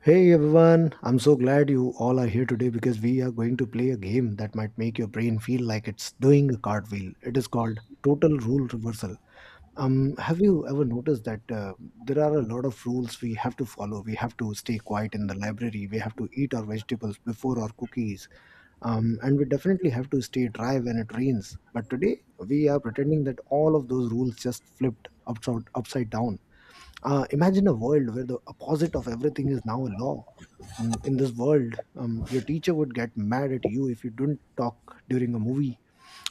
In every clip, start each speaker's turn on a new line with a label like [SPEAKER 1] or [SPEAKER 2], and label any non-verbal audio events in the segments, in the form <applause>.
[SPEAKER 1] Hey everyone, I'm so glad you all are here today because we are going to play a game that might make your brain feel like it's doing a cartwheel. It is called Total Rule Reversal. Have you ever noticed that there are a lot of rules we have to follow? We have to stay quiet in the library, we have to eat our vegetables before our cookies, and we definitely have to stay dry when it rains. But today, we are pretending that all of those rules just flipped upside down. Imagine a world where the opposite of everything is now a law. Mm. In this world, your teacher would get mad at you if you didn't talk during a movie.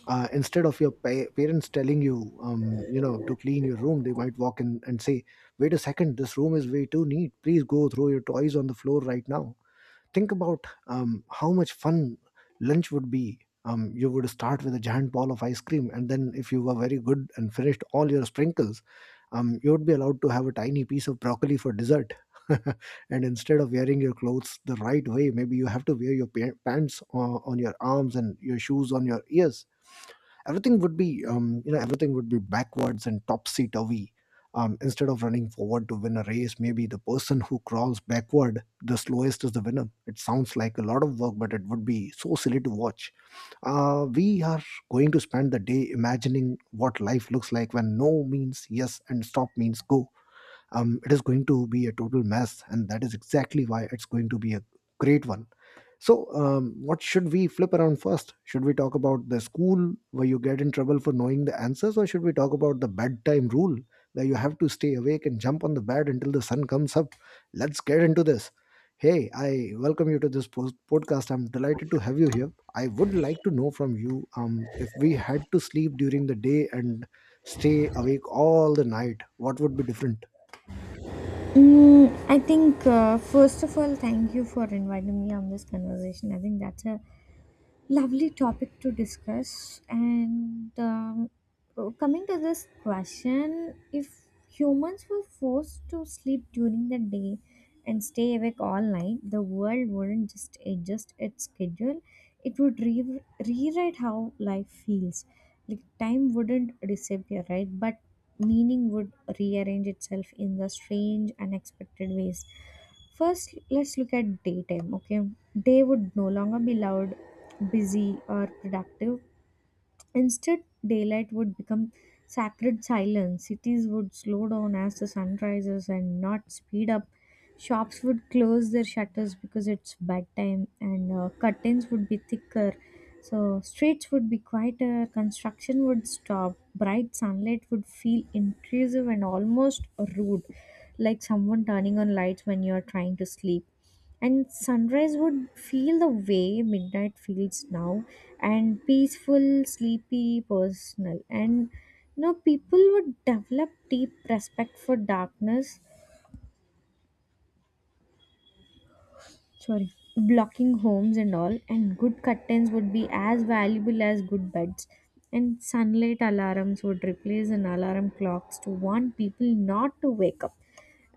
[SPEAKER 1] Instead of your parents telling you, to clean your room, they might walk in and say, "Wait a second, this room is way too neat. Please go throw your toys on the floor right now." Think about how much fun lunch would be. You would start with a giant ball of ice cream, and then if you were very good and finished all your sprinkles, you would be allowed to have a tiny piece of broccoli for dessert. <laughs> And instead of wearing your clothes the right way, maybe you have to wear your pants on your arms and your shoes on your ears. Everything would be everything would be backwards and topsy turvy. Instead of running forward to win a race, maybe the person who crawls backward the slowest is the winner. It sounds like a lot of work, but it would be so silly to watch. We are going to spend the day imagining what life looks like when no means yes and stop means go. It is going to be a total mess, and that is exactly why it's going to be a great one. So, what should we flip around first? Should we talk about the school where you get in trouble for knowing the answers, or should we talk about the bedtime rule where you have to stay awake and jump on the bed until the sun comes up? Let's get into this. Hey, I welcome you to this podcast. I'm delighted to have you here. I would like to know from you, if we had to sleep during the day and stay awake all the night, what would be different?
[SPEAKER 2] I think first of all, thank you for inviting me on this conversation. I think that's a lovely topic to discuss. And coming to this question, if humans were forced to sleep during the day and stay awake all night, the world wouldn't just adjust its schedule, it would rewrite how life feels. Like time wouldn't disappear, right? But meaning would rearrange itself in the strange, unexpected ways. First, let's look at daytime, okay? Day would no longer be loud, busy, or productive. Instead, daylight would become sacred silence. Cities would slow down as the sun rises and not speed up. Shops would close their shutters because it's bedtime, and curtains would be thicker. So streets would be quieter, construction would stop, bright sunlight would feel intrusive and almost rude, like someone turning on lights when you're trying to sleep, and sunrise would feel the way midnight feels now, and peaceful, sleepy, personal. And people would develop deep respect for darkness, sorry, blocking homes and all. And good curtains would be as valuable as good beds. And sunlight alarms would replace an alarm clocks to warn people not to wake up.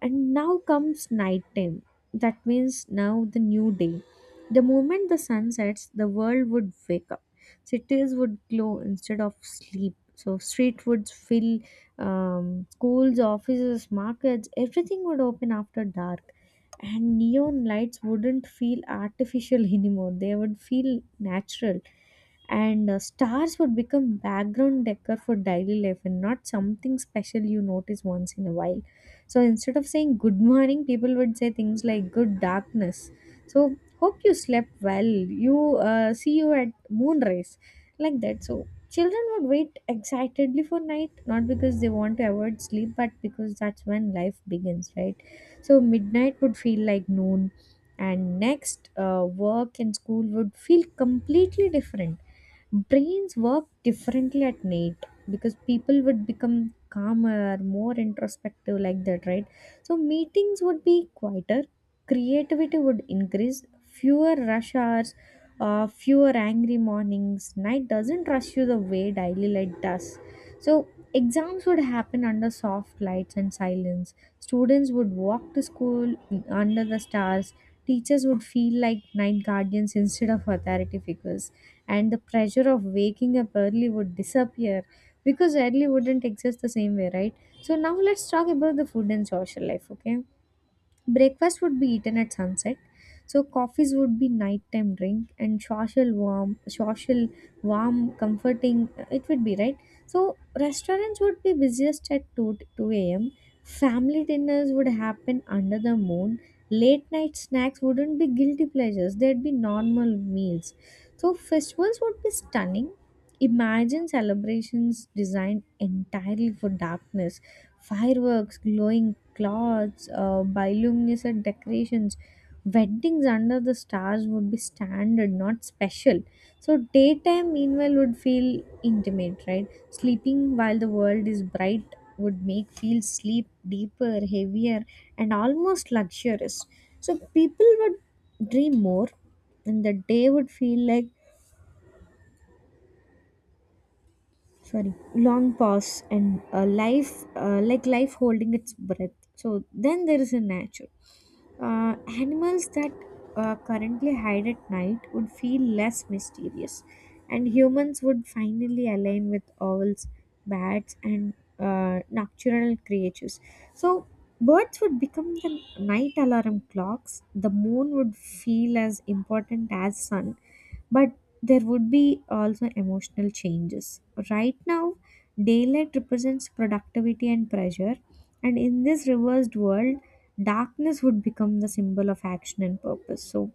[SPEAKER 2] And now comes night time. That means now the new day. The moment the sun sets, the world would wake up. Cities would glow instead of sleep. So street would fill, schools, offices, markets. Everything would open after dark, and neon lights wouldn't feel artificial <laughs> anymore, they would feel natural, and stars would become background decor for daily life and not something special you notice once in a while. So instead of saying good morning, people would say things like good darkness, so hope you slept well, you see you at moonrise, like that. So children would wait excitedly for night, not because they want to avoid sleep, but because that's when life begins, right? So midnight would feel like noon, and next, work and school would feel completely different. Brains work differently at night because people would become calmer, more introspective, like that, right? So meetings would be quieter, creativity would increase, fewer rush hours, fewer angry mornings. Night doesn't rush you the way daily light does. So exams would happen under soft lights and silence, students would walk to school under the stars, teachers would feel like night guardians instead of authority figures, and the pressure of waking up early would disappear because early wouldn't exist the same way, right? So now let's talk about the food and social life, okay? Breakfast would be eaten at sunset, so coffees would be nighttime drink and social, warm, comforting. It would be, right? So restaurants would be busiest at two a.m. Family dinners would happen under the moon. Late night snacks wouldn't be guilty pleasures; they'd be normal meals. So festivals would be stunning. Imagine celebrations designed entirely for darkness, fireworks, glowing cloths, bioluminescent decorations. Weddings under the stars would be standard, not special. So daytime, meanwhile, would feel intimate, right? Sleeping while the world is bright would make feel sleep deeper, heavier, and almost luxurious. So people would dream more, and the day would feel like, sorry, long pause, and life like life holding its breath. So then there is a nature. uh, Animals that currently hide at night would feel less mysterious, and humans would finally align with owls, bats, and nocturnal creatures. So birds would become the night alarm clocks, the moon would feel as important as sun. But there would be also emotional changes. Right now, daylight represents productivity and pressure, and in this reversed world, darkness would become the symbol of action and purpose. So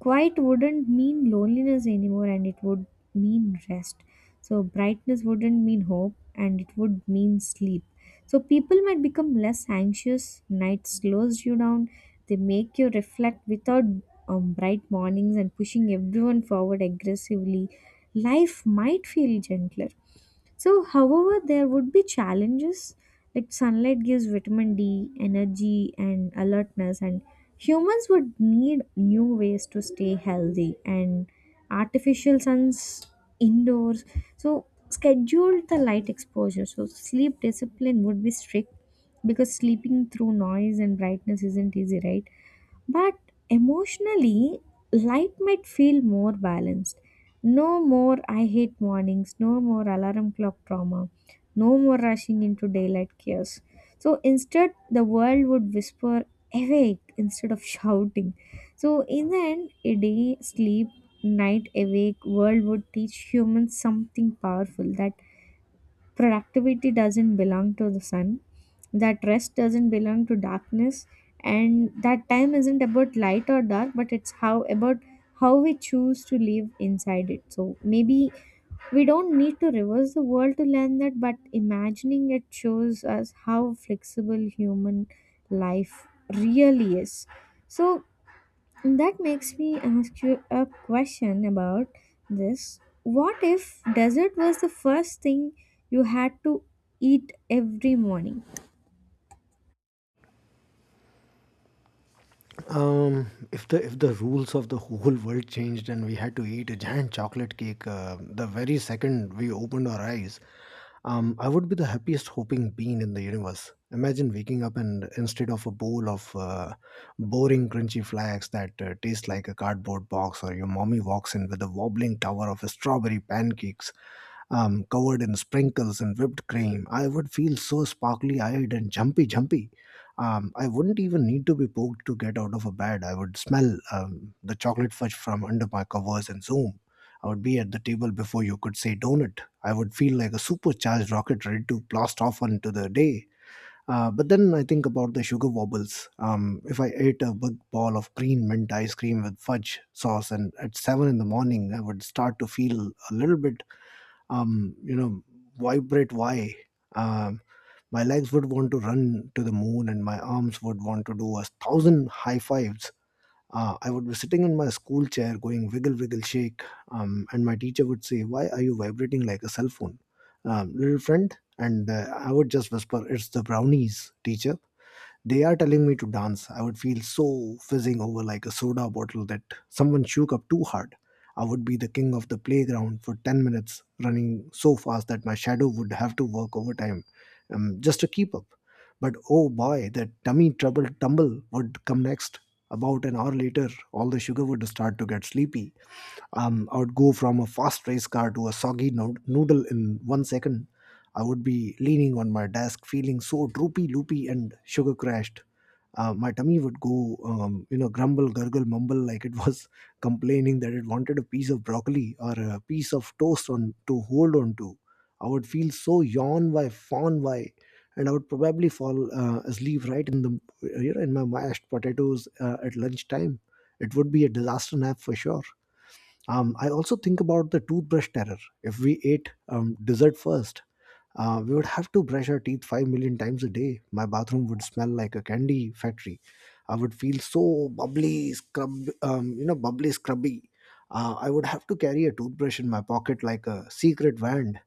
[SPEAKER 2] quiet wouldn't mean loneliness anymore, and it would mean rest. So brightness wouldn't mean hope, and it would mean sleep. So people might become less anxious, nights slows you down, they make you reflect without bright mornings and pushing everyone forward aggressively. Life might feel gentler. So, however, there would be challenges, like sunlight gives vitamin D, energy, and alertness, and humans would need new ways to stay healthy and artificial suns indoors. So schedule the light exposure. So sleep discipline would be strict because sleeping through noise and brightness isn't easy, right? But emotionally, light might feel more balanced. No more I hate mornings, no more alarm clock trauma, no more rushing into daylight chaos. So instead, the world would whisper awake instead of shouting. So in the end, a day sleep, night awake world would teach humans something powerful, that productivity doesn't belong to the sun, that rest doesn't belong to darkness, and that time isn't about light or dark, but it's how about how we choose to live inside it. So maybe we don't need to reverse the world to learn that, but imagining it shows us how flexible human life really is. So that makes me ask you a question about this. What if dessert was the first thing you had to eat every morning?
[SPEAKER 1] If the rules of the whole world changed and we had to eat a giant chocolate cake, the very second we opened our eyes, I would be the happiest hopping bean in the universe. Imagine waking up and instead of a bowl of boring crunchy flakes that taste like a cardboard box, or your mommy walks in with a wobbling tower of strawberry pancakes covered in sprinkles and whipped cream. I would feel so sparkly eyed and jumpy. I wouldn't even need to be poked to get out of a bed. I would smell the chocolate fudge from under my covers and zoom. I would be at the table before you could say donut. I would feel like a supercharged rocket ready to blast off into the day. But then I think about the sugar wobbles. If I ate a big ball of green mint ice cream with fudge sauce and at 7 in the morning, I would start to feel a little bit um, you know, vibrate why. Um, my legs would want to run to the moon and my arms would want to do 1,000 high fives. I would be sitting in my school chair going wiggle, wiggle, shake. And my teacher would say, "Why are you vibrating like a cell phone? Little friend." And I would just whisper, "It's the brownies, teacher, they are telling me to dance." I would feel so fizzing over like a soda bottle that someone shook up too hard. I would be the king of the playground for 10 minutes, running so fast that my shadow would have to work overtime just to keep up. But oh boy, that tummy trouble tumble would come next. About an hour later, all the sugar would start to get sleepy. I would go from a fast race car to a soggy noodle in 1 second. I would be leaning on my desk, feeling so droopy, loopy, and sugar crashed. My tummy would go, grumble, gurgle, mumble <laughs> like it was <laughs> complaining that it wanted a piece of broccoli or a piece of toast on to hold on to. I would feel so yawn why, fawn why, and I would probably fall asleep right in the in my mashed potatoes at lunchtime. It would be a disaster nap for sure. I also think about the toothbrush terror. If we ate dessert first, we would have to brush our teeth 5 million times a day. My bathroom would smell like a candy factory. I would feel so bubbly, bubbly, scrubby. I would have to carry a toothbrush in my pocket like a secret wand.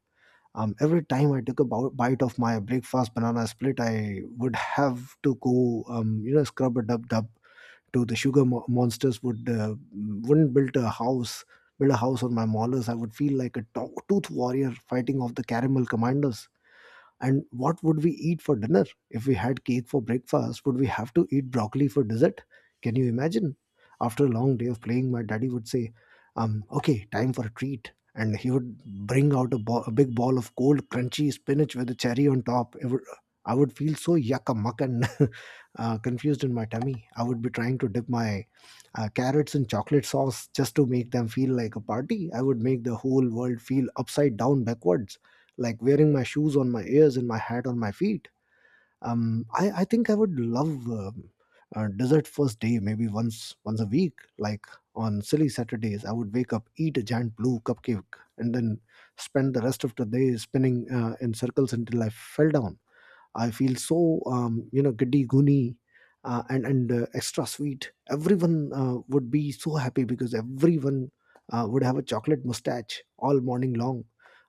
[SPEAKER 1] Every time I took a bite of my breakfast banana split, I would have to go, scrub a dub dub, to the sugar mo- monsters would wouldn't build a house on my molars. I would feel like a tooth warrior fighting off the caramel commanders. And what would we eat for dinner? If we had cake for breakfast, would we have to eat broccoli for dessert? Can you imagine? After a long day of playing, my daddy would say, "Okay, time for a treat." And he would bring out a big ball of cold, crunchy spinach with a cherry on top. I would feel so yucca muck and <laughs> confused in my tummy. I would be trying to dip my carrots in chocolate sauce just to make them feel like a party. I would make the whole world feel upside down backwards, like wearing my shoes on my ears and my hat on my feet. I think I would love a dessert first day, maybe once a week. Like on silly Saturdays, I would wake up, eat a giant blue cupcake, and then spend the rest of the day spinning in circles until I fell down. I feel so giddy goony and extra sweet. Everyone would be so happy because everyone would have a chocolate mustache all morning long.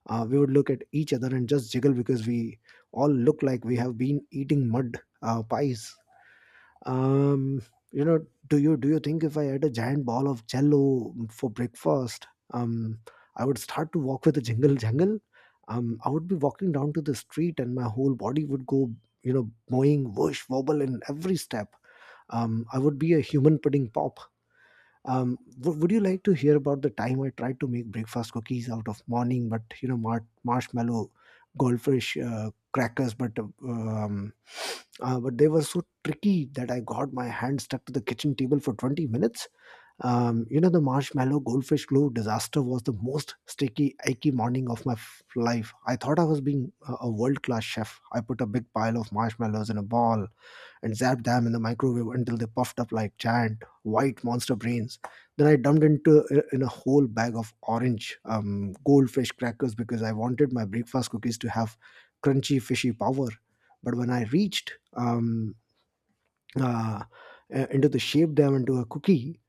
[SPEAKER 1] We would look at each other and just jiggle because we all look like we have been eating mud pies. Um, you know, do you do you think if I had a giant ball of jello for breakfast, um, I would start to walk with a jingle jangle? I would be walking down to the street and my whole body would go, mowing, whoosh, wobble in every step. I would be a human pudding pop. Would you like to hear about the time I tried to make breakfast cookies out of morning, but marshmallow, goldfish, crackers, but <sniffs> but they were so tricky that I got my hand stuck to the kitchen table for 20 minutes? The marshmallow goldfish glue disaster was the most sticky, icky morning of my life. I thought I was being a world class chef. I put a big pile of marshmallows in a ball and zapped them in the microwave until they puffed up like giant white monster brains. Then I dumped into in a whole bag of orange goldfish crackers because I wanted my breakfast cookies to have crunchy fishy power. But when I reached uh, into the shape them into a cookie.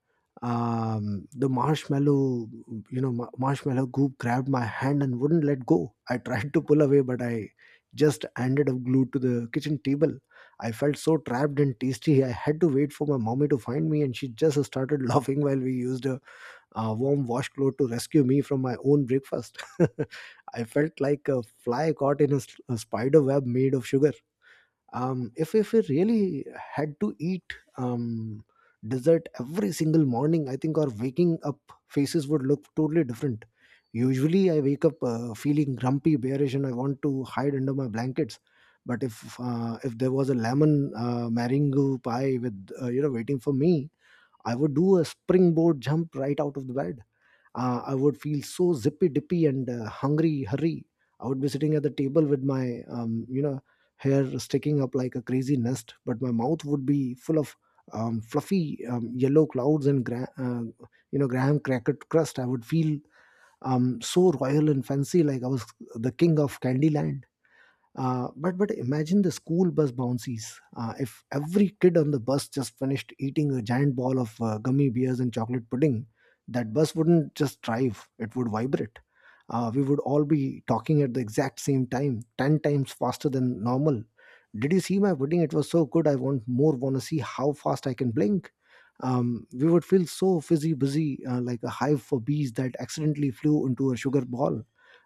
[SPEAKER 1] The marshmallow, you know, ma- marshmallow goop grabbed my hand and wouldn't let go. I tried to pull away, but I just ended up glued to the kitchen table. I felt so trapped and tasty. I had to wait for my mommy to find me, and she just started <laughs> laughing while we used warm washcloth to rescue me from my own breakfast. <laughs> I felt like a fly caught in a spider web made of sugar. If we really had to eat um, dessert every single morning, I think our waking up faces would look totally different. Usually, I wake up feeling grumpy, bearish, and I want to hide under my blankets. But if there was a lemon mango pie with waiting for me, I would do a springboard jump right out of the bed. I would feel so zippy dippy and hungry. Hurry! I would be sitting at the table with my hair sticking up like a crazy nest, but my mouth would be full of fluffy yellow clouds and graham cracker crust. I would feel so royal and fancy, like I was the king of Candyland. But imagine the school bus bouncies. If every kid on the bus just finished eating a giant ball of gummy bears and chocolate pudding, that bus wouldn't just drive; it would vibrate. We would all be talking at the exact same time, ten times faster than normal. Did you see my pudding? It was so good. I want more. Want to see how fast I can blink. We would feel so fizzy, busy, like a hive for bees that accidentally flew into a sugar ball.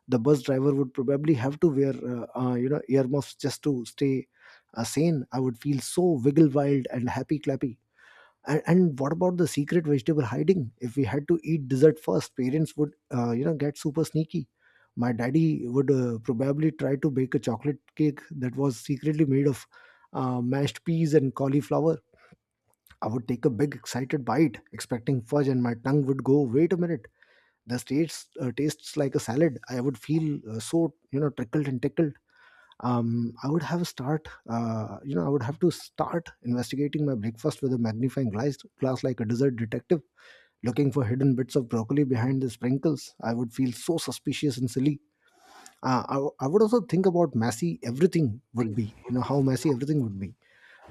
[SPEAKER 1] The bus driver would probably have to wear earmuffs just to stay sane. I would feel so wiggle wild and happy clappy. And what about the secret vegetable hiding? If we had to eat dessert first, parents would get super sneaky. My daddy would probably try to bake a chocolate cake that was secretly made of mashed peas and cauliflower. I would take a big excited bite expecting fudge, and my tongue would go, wait a minute, the states tastes like a salad. I would feel so trickled and tickled. Um, I would have start you know I would have to start investigating my breakfast with a magnifying glass, like a dessert detective, looking for hidden bits of broccoli behind the sprinkles. I would feel so suspicious and silly. I would also think about messy everything would be, you know, how messy everything would be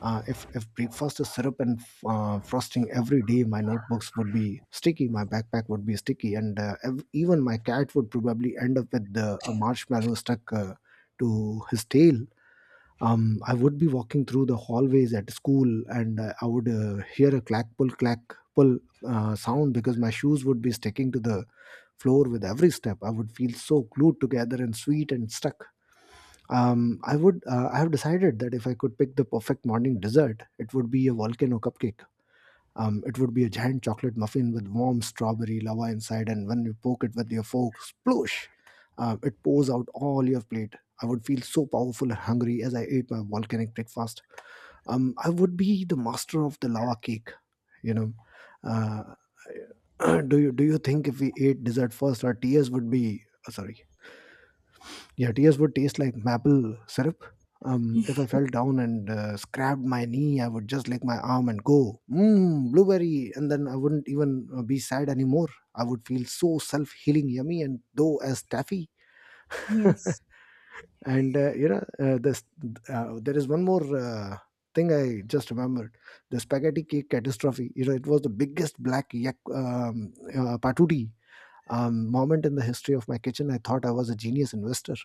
[SPEAKER 1] if breakfast is syrup and frosting every day. My notebooks would be sticky, my backpack would be sticky, and even my cat would probably end up with a marshmallow stuck to his tail. I would be walking through the hallways at school, and I would hear a clack pull sound because my shoes would be sticking to the floor with every step. I would feel so glued together and sweet and stuck. I would. I have decided that if I could pick the perfect morning dessert, it would be a volcano cupcake. It would be a giant chocolate muffin with warm strawberry lava inside, and when you poke it with your fork, sploosh! It pours out all your plate. I would feel so powerful and hungry as I ate my volcanic breakfast. I would be the master of the lava cake. You know, uh, <clears throat> do you think if we ate dessert first, our tears would be yeah, tears would taste like maple syrup. If I fell down and scrapped my knee, I would just lick my arm and go, mmm, blueberry. And then I wouldn't even be sad anymore. I would feel so self healing, yummy, and dough as taffy. <laughs>
[SPEAKER 2] Yes,
[SPEAKER 1] and, you know, this, There is one more thing I just remembered: the spaghetti cake catastrophe. You know, it was the biggest black yak, patuti moment in the history of my kitchen. I thought I was a genius investor,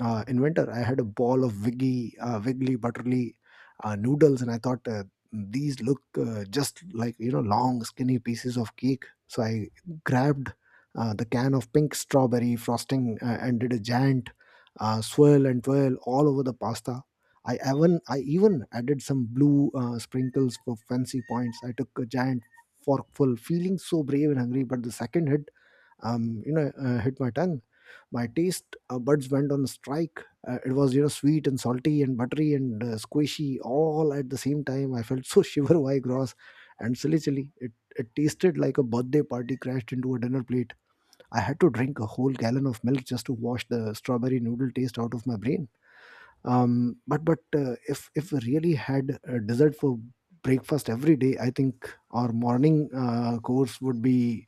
[SPEAKER 1] uh, inventor. I had a ball of wiggly, butterly noodles, and I thought, these look just like, you know, long, skinny pieces of cake. So I grabbed the can of pink strawberry frosting and did a giant swirl and twirl all over the pasta. I even added some blue sprinkles for fancy points. I took a giant forkful, feeling so brave and hungry. But the second hit my tongue. My taste buds went on strike. It was, you know, sweet and salty and buttery and squishy all at the same time. I felt so <laughs> shiver why gross and silly chilly. It tasted like a birthday party crashed into a dinner plate. I had to drink a whole gallon of milk just to wash the strawberry noodle taste out of my brain. But if we really had a dessert for breakfast every day, I think our morning course would be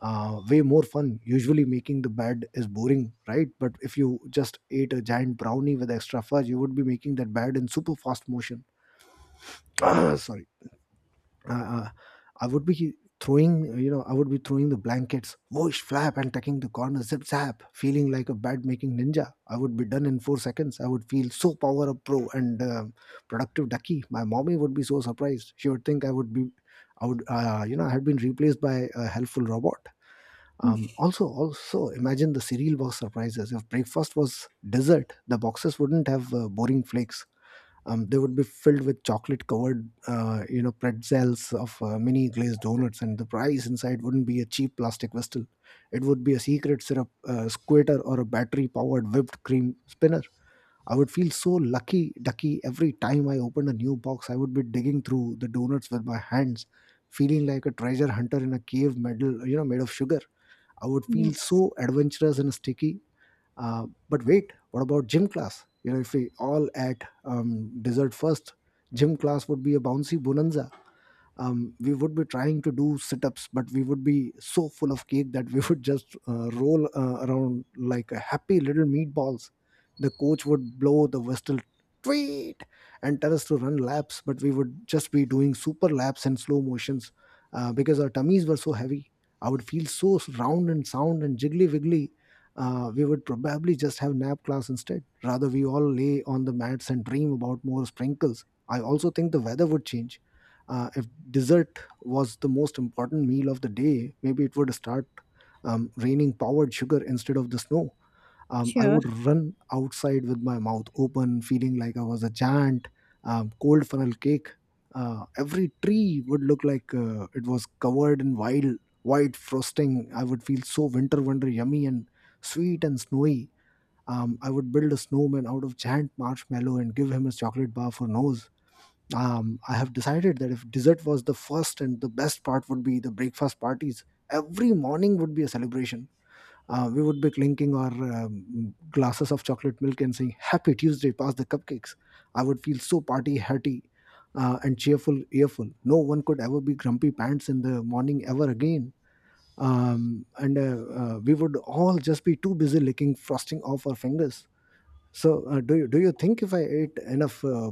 [SPEAKER 1] way more fun. Usually, making the bed is boring, right? But if you just ate a giant brownie with extra fudge, you would be making that bed in super fast motion. <coughs> <clears throat> Sorry, uh, uh, I would be throwing, you know, I would be throwing the blankets, whoosh, flap, and tucking the corners, zip, zap, feeling like a bed making ninja. I would be done in 4 seconds. I would feel so power up pro and productive ducky. My mommy would be so surprised. She would think I would be, I would, you know, I had been replaced by a helpful robot. Also imagine the cereal box surprises. If breakfast was dessert, the boxes wouldn't have boring flakes. They would be filled with chocolate-covered pretzels of mini glazed donuts, and the prize inside wouldn't be a cheap plastic whistle. It would be a secret syrup squitter or a battery-powered whipped cream spinner. I would feel so lucky, ducky, every time I opened a new box. I would be digging through the donuts with my hands, feeling like a treasure hunter in a cave medal, you know, made of sugar. I would feel
[SPEAKER 2] yes,
[SPEAKER 1] so adventurous and sticky. But wait, what about gym class? You know, if we all at dessert first, gym class would be a bouncy bonanza. Um, we would be trying to do sit-ups, but we would be so full of cake that we <laughs> would just roll around like a happy little meatballs. The coach would blow the whistle, tweet, and tell us to run laps, but we would just be doing super laps and slow motions because our tummies were so heavy. I would feel so round and sound and jiggly wiggly. We would probably just have nap class instead, rather we all lay on the mats and dream about more sprinkles. I also think the weather would change. If dessert was the most important meal of the day, maybe it would start raining powdered sugar instead of the snow. I
[SPEAKER 2] sure.
[SPEAKER 1] would run outside with my mouth open, feeling like I was a giant. Cold funnel cake. Every tree would look like it was covered in wild white frosting. I would feel so winter wonder yummy and sweet and snowy. I would build a snowman out of giant marshmallow and give him a chocolate bar for nose. Um, I have decided that if dessert was the first and the best part would be the breakfast parties. Every morning would be a celebration. We would be clinking our glasses of chocolate milk and saying, Happy Tuesday, pass the cupcakes. I would feel so party hearty and cheerful, earful. No one could ever be grumpy pants in the morning ever again. And We would all just be too busy licking frosting off our fingers. So, do you think if I ate enough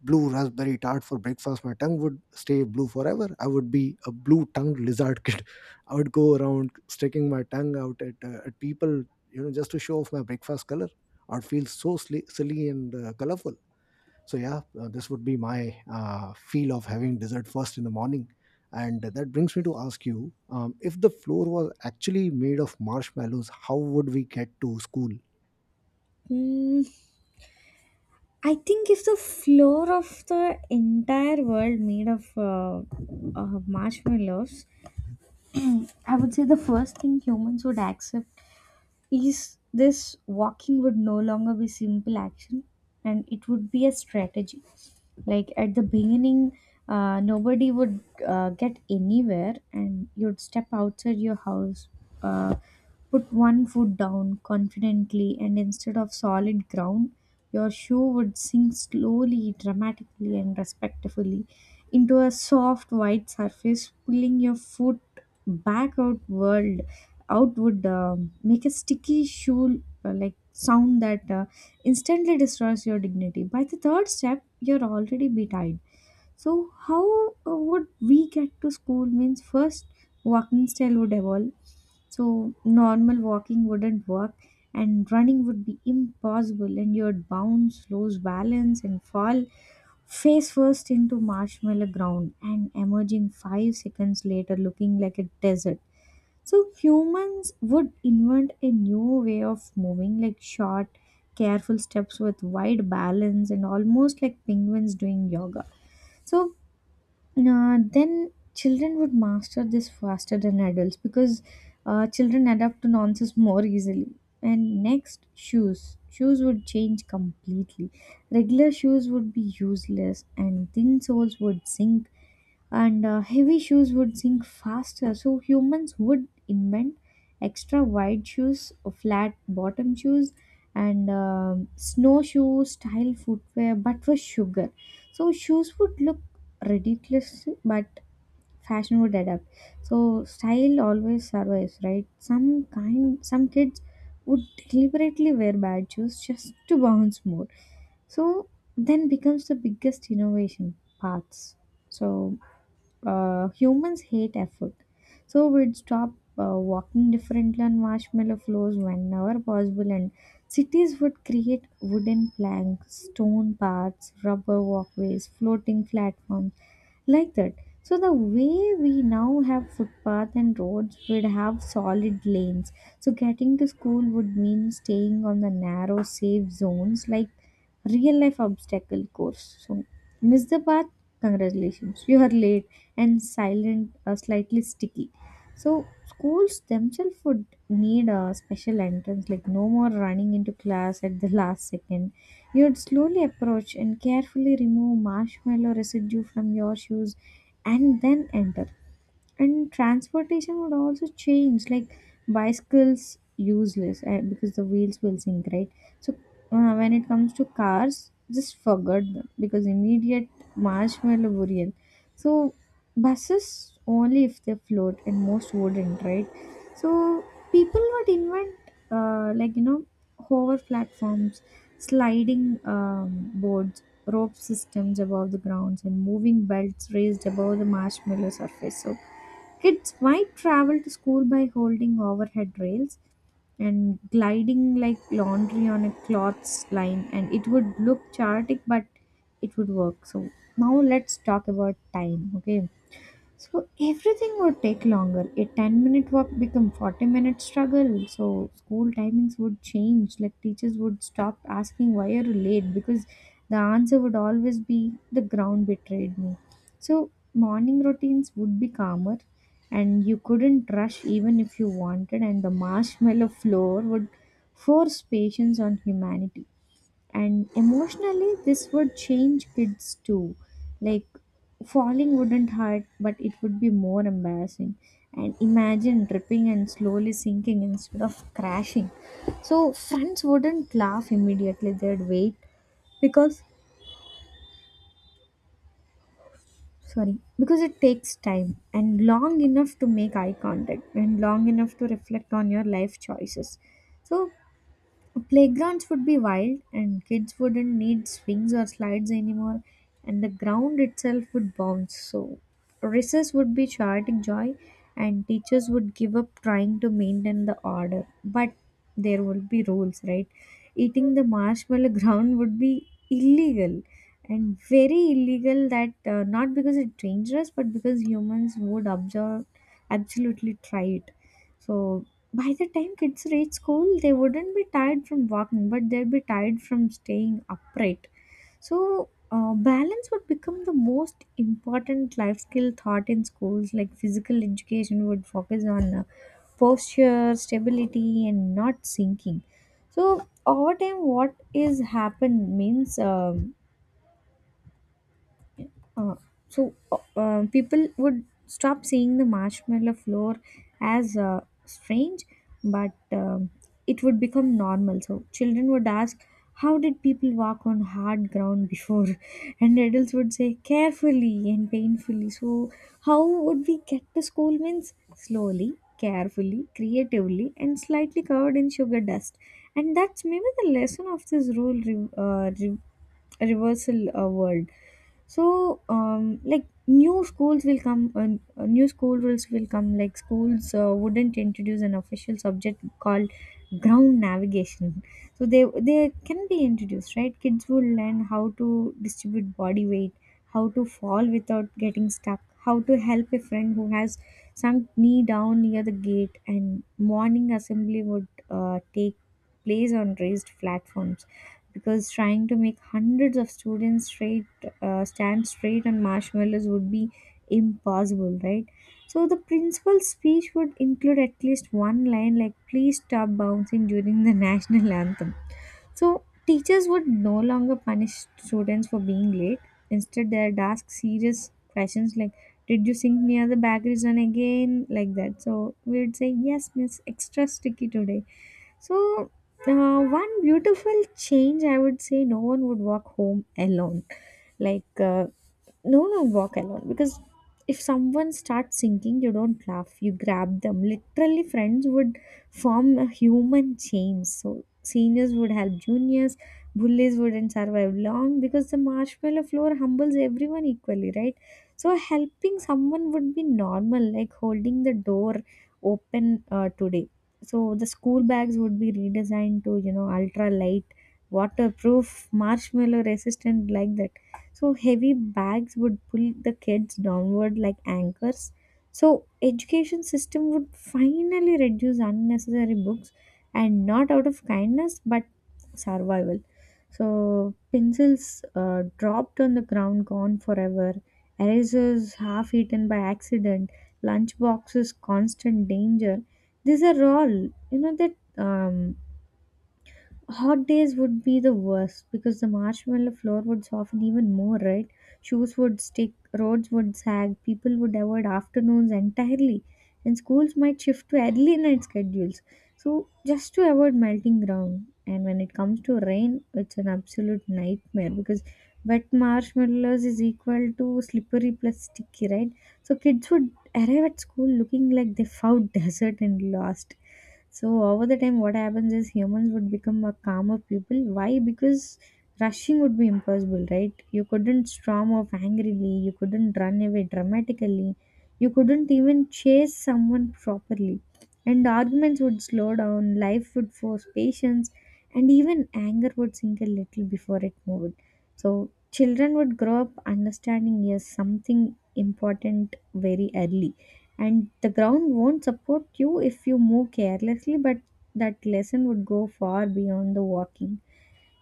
[SPEAKER 1] blue raspberry tart for breakfast, my tongue would stay blue forever? I would be a blue-tongued lizard kid. <laughs> I would go around sticking my tongue out at people, you know, just to show off my breakfast color. Or feel so silly and colorful. So yeah, this would be my feel of having dessert first in the morning. And that brings me to ask you, if the floor was actually made of marshmallows, how would we get to school?
[SPEAKER 2] Mm, I think if the floor of the entire world made of marshmallows, I would say the first thing humans would accept is this: walking would no longer be simple action, and it would be a strategy. Like at the beginning, nobody would get anywhere, and you'd step outside your house, uh, put one foot down confidently, and instead of solid ground, your shoe would sink slowly, dramatically, and respectfully into a soft white surface, pulling your foot back outward out would make a sticky shoe, like sound that instantly destroys your dignity. By the third step you're already betired. So how would we get to school means, first, walking style would evolve. So normal walking wouldn't work, and running would be impossible, and you'd bounce, lose balance, and fall face first into marshmallow ground and emerging 5 seconds later looking like a desert. So humans would invent a new way of moving, like short, careful steps with wide balance, and almost like penguins doing yoga. So then children would master this faster than adults because children adapt to nonsense more easily. And next, shoes. Shoes would change completely. Regular shoes would be useless, and thin soles would sink, and heavy shoes would sink faster. So humans would invent extra wide shoes, flat bottom shoes, and snowshoe style footwear, but for sugar. So shoes would look ridiculous, but fashion would adapt. So style always survives, right? Some kids would deliberately wear bad shoes just to bounce more. So then becomes the biggest innovation paths. So humans hate effort. So we'd stop walking differently on marshmallow floors whenever possible, and cities would create wooden planks, stone paths, rubber walkways, floating platforms, like that. So the way we now have footpath and roads would have solid lanes. So getting to school would mean staying on the narrow safe zones, like real life obstacle course. So miss the path? Congratulations, you are late and silent, slightly sticky. So schools themselves would need a special entrance, like no more running into class at the last second. You would slowly approach and carefully remove marshmallow residue from your shoes and then enter. And transportation would also change, like bicycles useless, because the wheels will sink, right? So when it comes to cars, just forget them because immediate marshmallow burial. So buses only if they float, and most wouldn't, right? So people would invent, like hover platforms, sliding boards, rope systems above the grounds, and moving belts raised above the marshmallow surface. So kids might travel to school by holding overhead rails and gliding like laundry on a cloths line, and it would look chaotic, but it would work. So now let's talk about time, okay? So everything would take longer. A 10-minute walk become 40-minute struggle. So school timings would change. Like teachers would stop asking why are you late because the answer would always be the ground betrayed me. So morning routines would be calmer, and you couldn't rush even if you wanted, and the marshmallow <laughs> floor would force patience on humanity. And emotionally this would change kids too, like falling wouldn't hurt, but it would be more embarrassing, and imagine tripping and slowly sinking instead of crashing. So friends wouldn't laugh immediately, they'd wait because, sorry, because it takes time and long enough to make eye contact and long enough to reflect on your life choices. So playgrounds would be wild, and kids wouldn't need swings or slides anymore, and the ground itself would bounce. So recess would be chaotic joy, and teachers would give up trying to maintain the order. But there would be rules, right? Eating the marshmallow <laughs> ground would be illegal and very illegal that, not because it's dangerous but because humans would observe absolutely try it. So by the time kids reach school, they wouldn't be tired from walking but they'll be tired from staying upright. So balance would become the most important life skill taught in schools, like physical education would focus on posture, stability, and not sinking. So over time, what is happened means uh, people would stop seeing the marshmallow floor as strange, but it would become normal. So children would ask, "How did people walk on hard ground before?" <laughs> And adults would say, "Carefully and painfully." So how would we get to school? Means slowly, carefully, creatively, and slightly covered in sugar dust. And that's maybe the lesson of this rule re- uh, reversal uh, world. So like new schools will come, new school rules will come, like schools wouldn't introduce an official subject called ground navigation. So they can be introduced, right? Kids will learn how to distribute body weight, how to fall without getting stuck, how to help a friend who has sunk knee down near the gate. And morning assembly would take place on raised platforms, because trying to make hundreds of students straight, stand straight on marshmallows would be impossible, right? So the principal's speech would include at least one line like, "Please stop bouncing during the <laughs> national anthem." So teachers would no longer punish students for being late. Instead, they'd ask serious questions like, "Did you sing near the bakery zone again?" Like that, so we would say, "Yes, miss, extra sticky today." So one beautiful change, I would say, no one would walk home alone. Like, uh, no, no walk alone. Because if someone starts singing, you don't laugh, you grab them. Literally, friends would form a human chain. So seniors would help juniors, bullies wouldn't survive long because the marshmallow floor humbles everyone equally, right? So helping someone would be normal, like holding the door open today. So the school bags would be redesigned to, you know, ultra light, waterproof, marshmallow resistant, like that. So heavy bags would pull the kids downward like anchors. So education system would finally reduce unnecessary books, and not out of kindness but survival. So pencils dropped on the ground, gone forever. Erasers half eaten by accident. Lunch boxes, constant danger. These are all you know that Hot days would be the worst because the marshmallow floor would soften even more, right? Shoes would stick, roads would sag, people would avoid afternoons entirely, and schools might shift to early night schedules. So, just to avoid melting ground. And when it comes to rain, it's an absolute nightmare because wet marshmallows is equal to slippery plus sticky, right? So kids would arrive at school looking like they found <laughs> desert and lost. So over the time, what happens is humans would become a calmer people. Why? Because rushing would be impossible, right? You couldn't storm off angrily. You couldn't run away dramatically. You couldn't even chase someone properly. And arguments would slow down. Life would force patience, and even anger would sink a little before it moved. So children would grow up understanding, yes, something important very early, and the ground won't support you if you move carelessly, but that lesson would go far beyond the walking.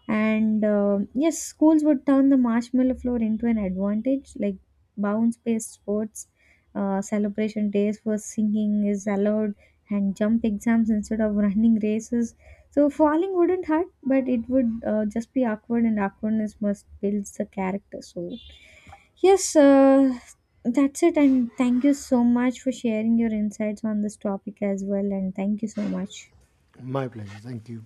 [SPEAKER 2] And yes, schools would turn the marshmallow floor into an advantage, like bounce based sports, celebration days for singing is allowed, and jump exams instead of <laughs> running races. So falling wouldn't hurt, but it would just be awkward, and awkwardness must builds the character. So yes, that's it. And thank you so much for sharing your insights on this topic as well. And thank you so much.
[SPEAKER 1] My pleasure. Thank you.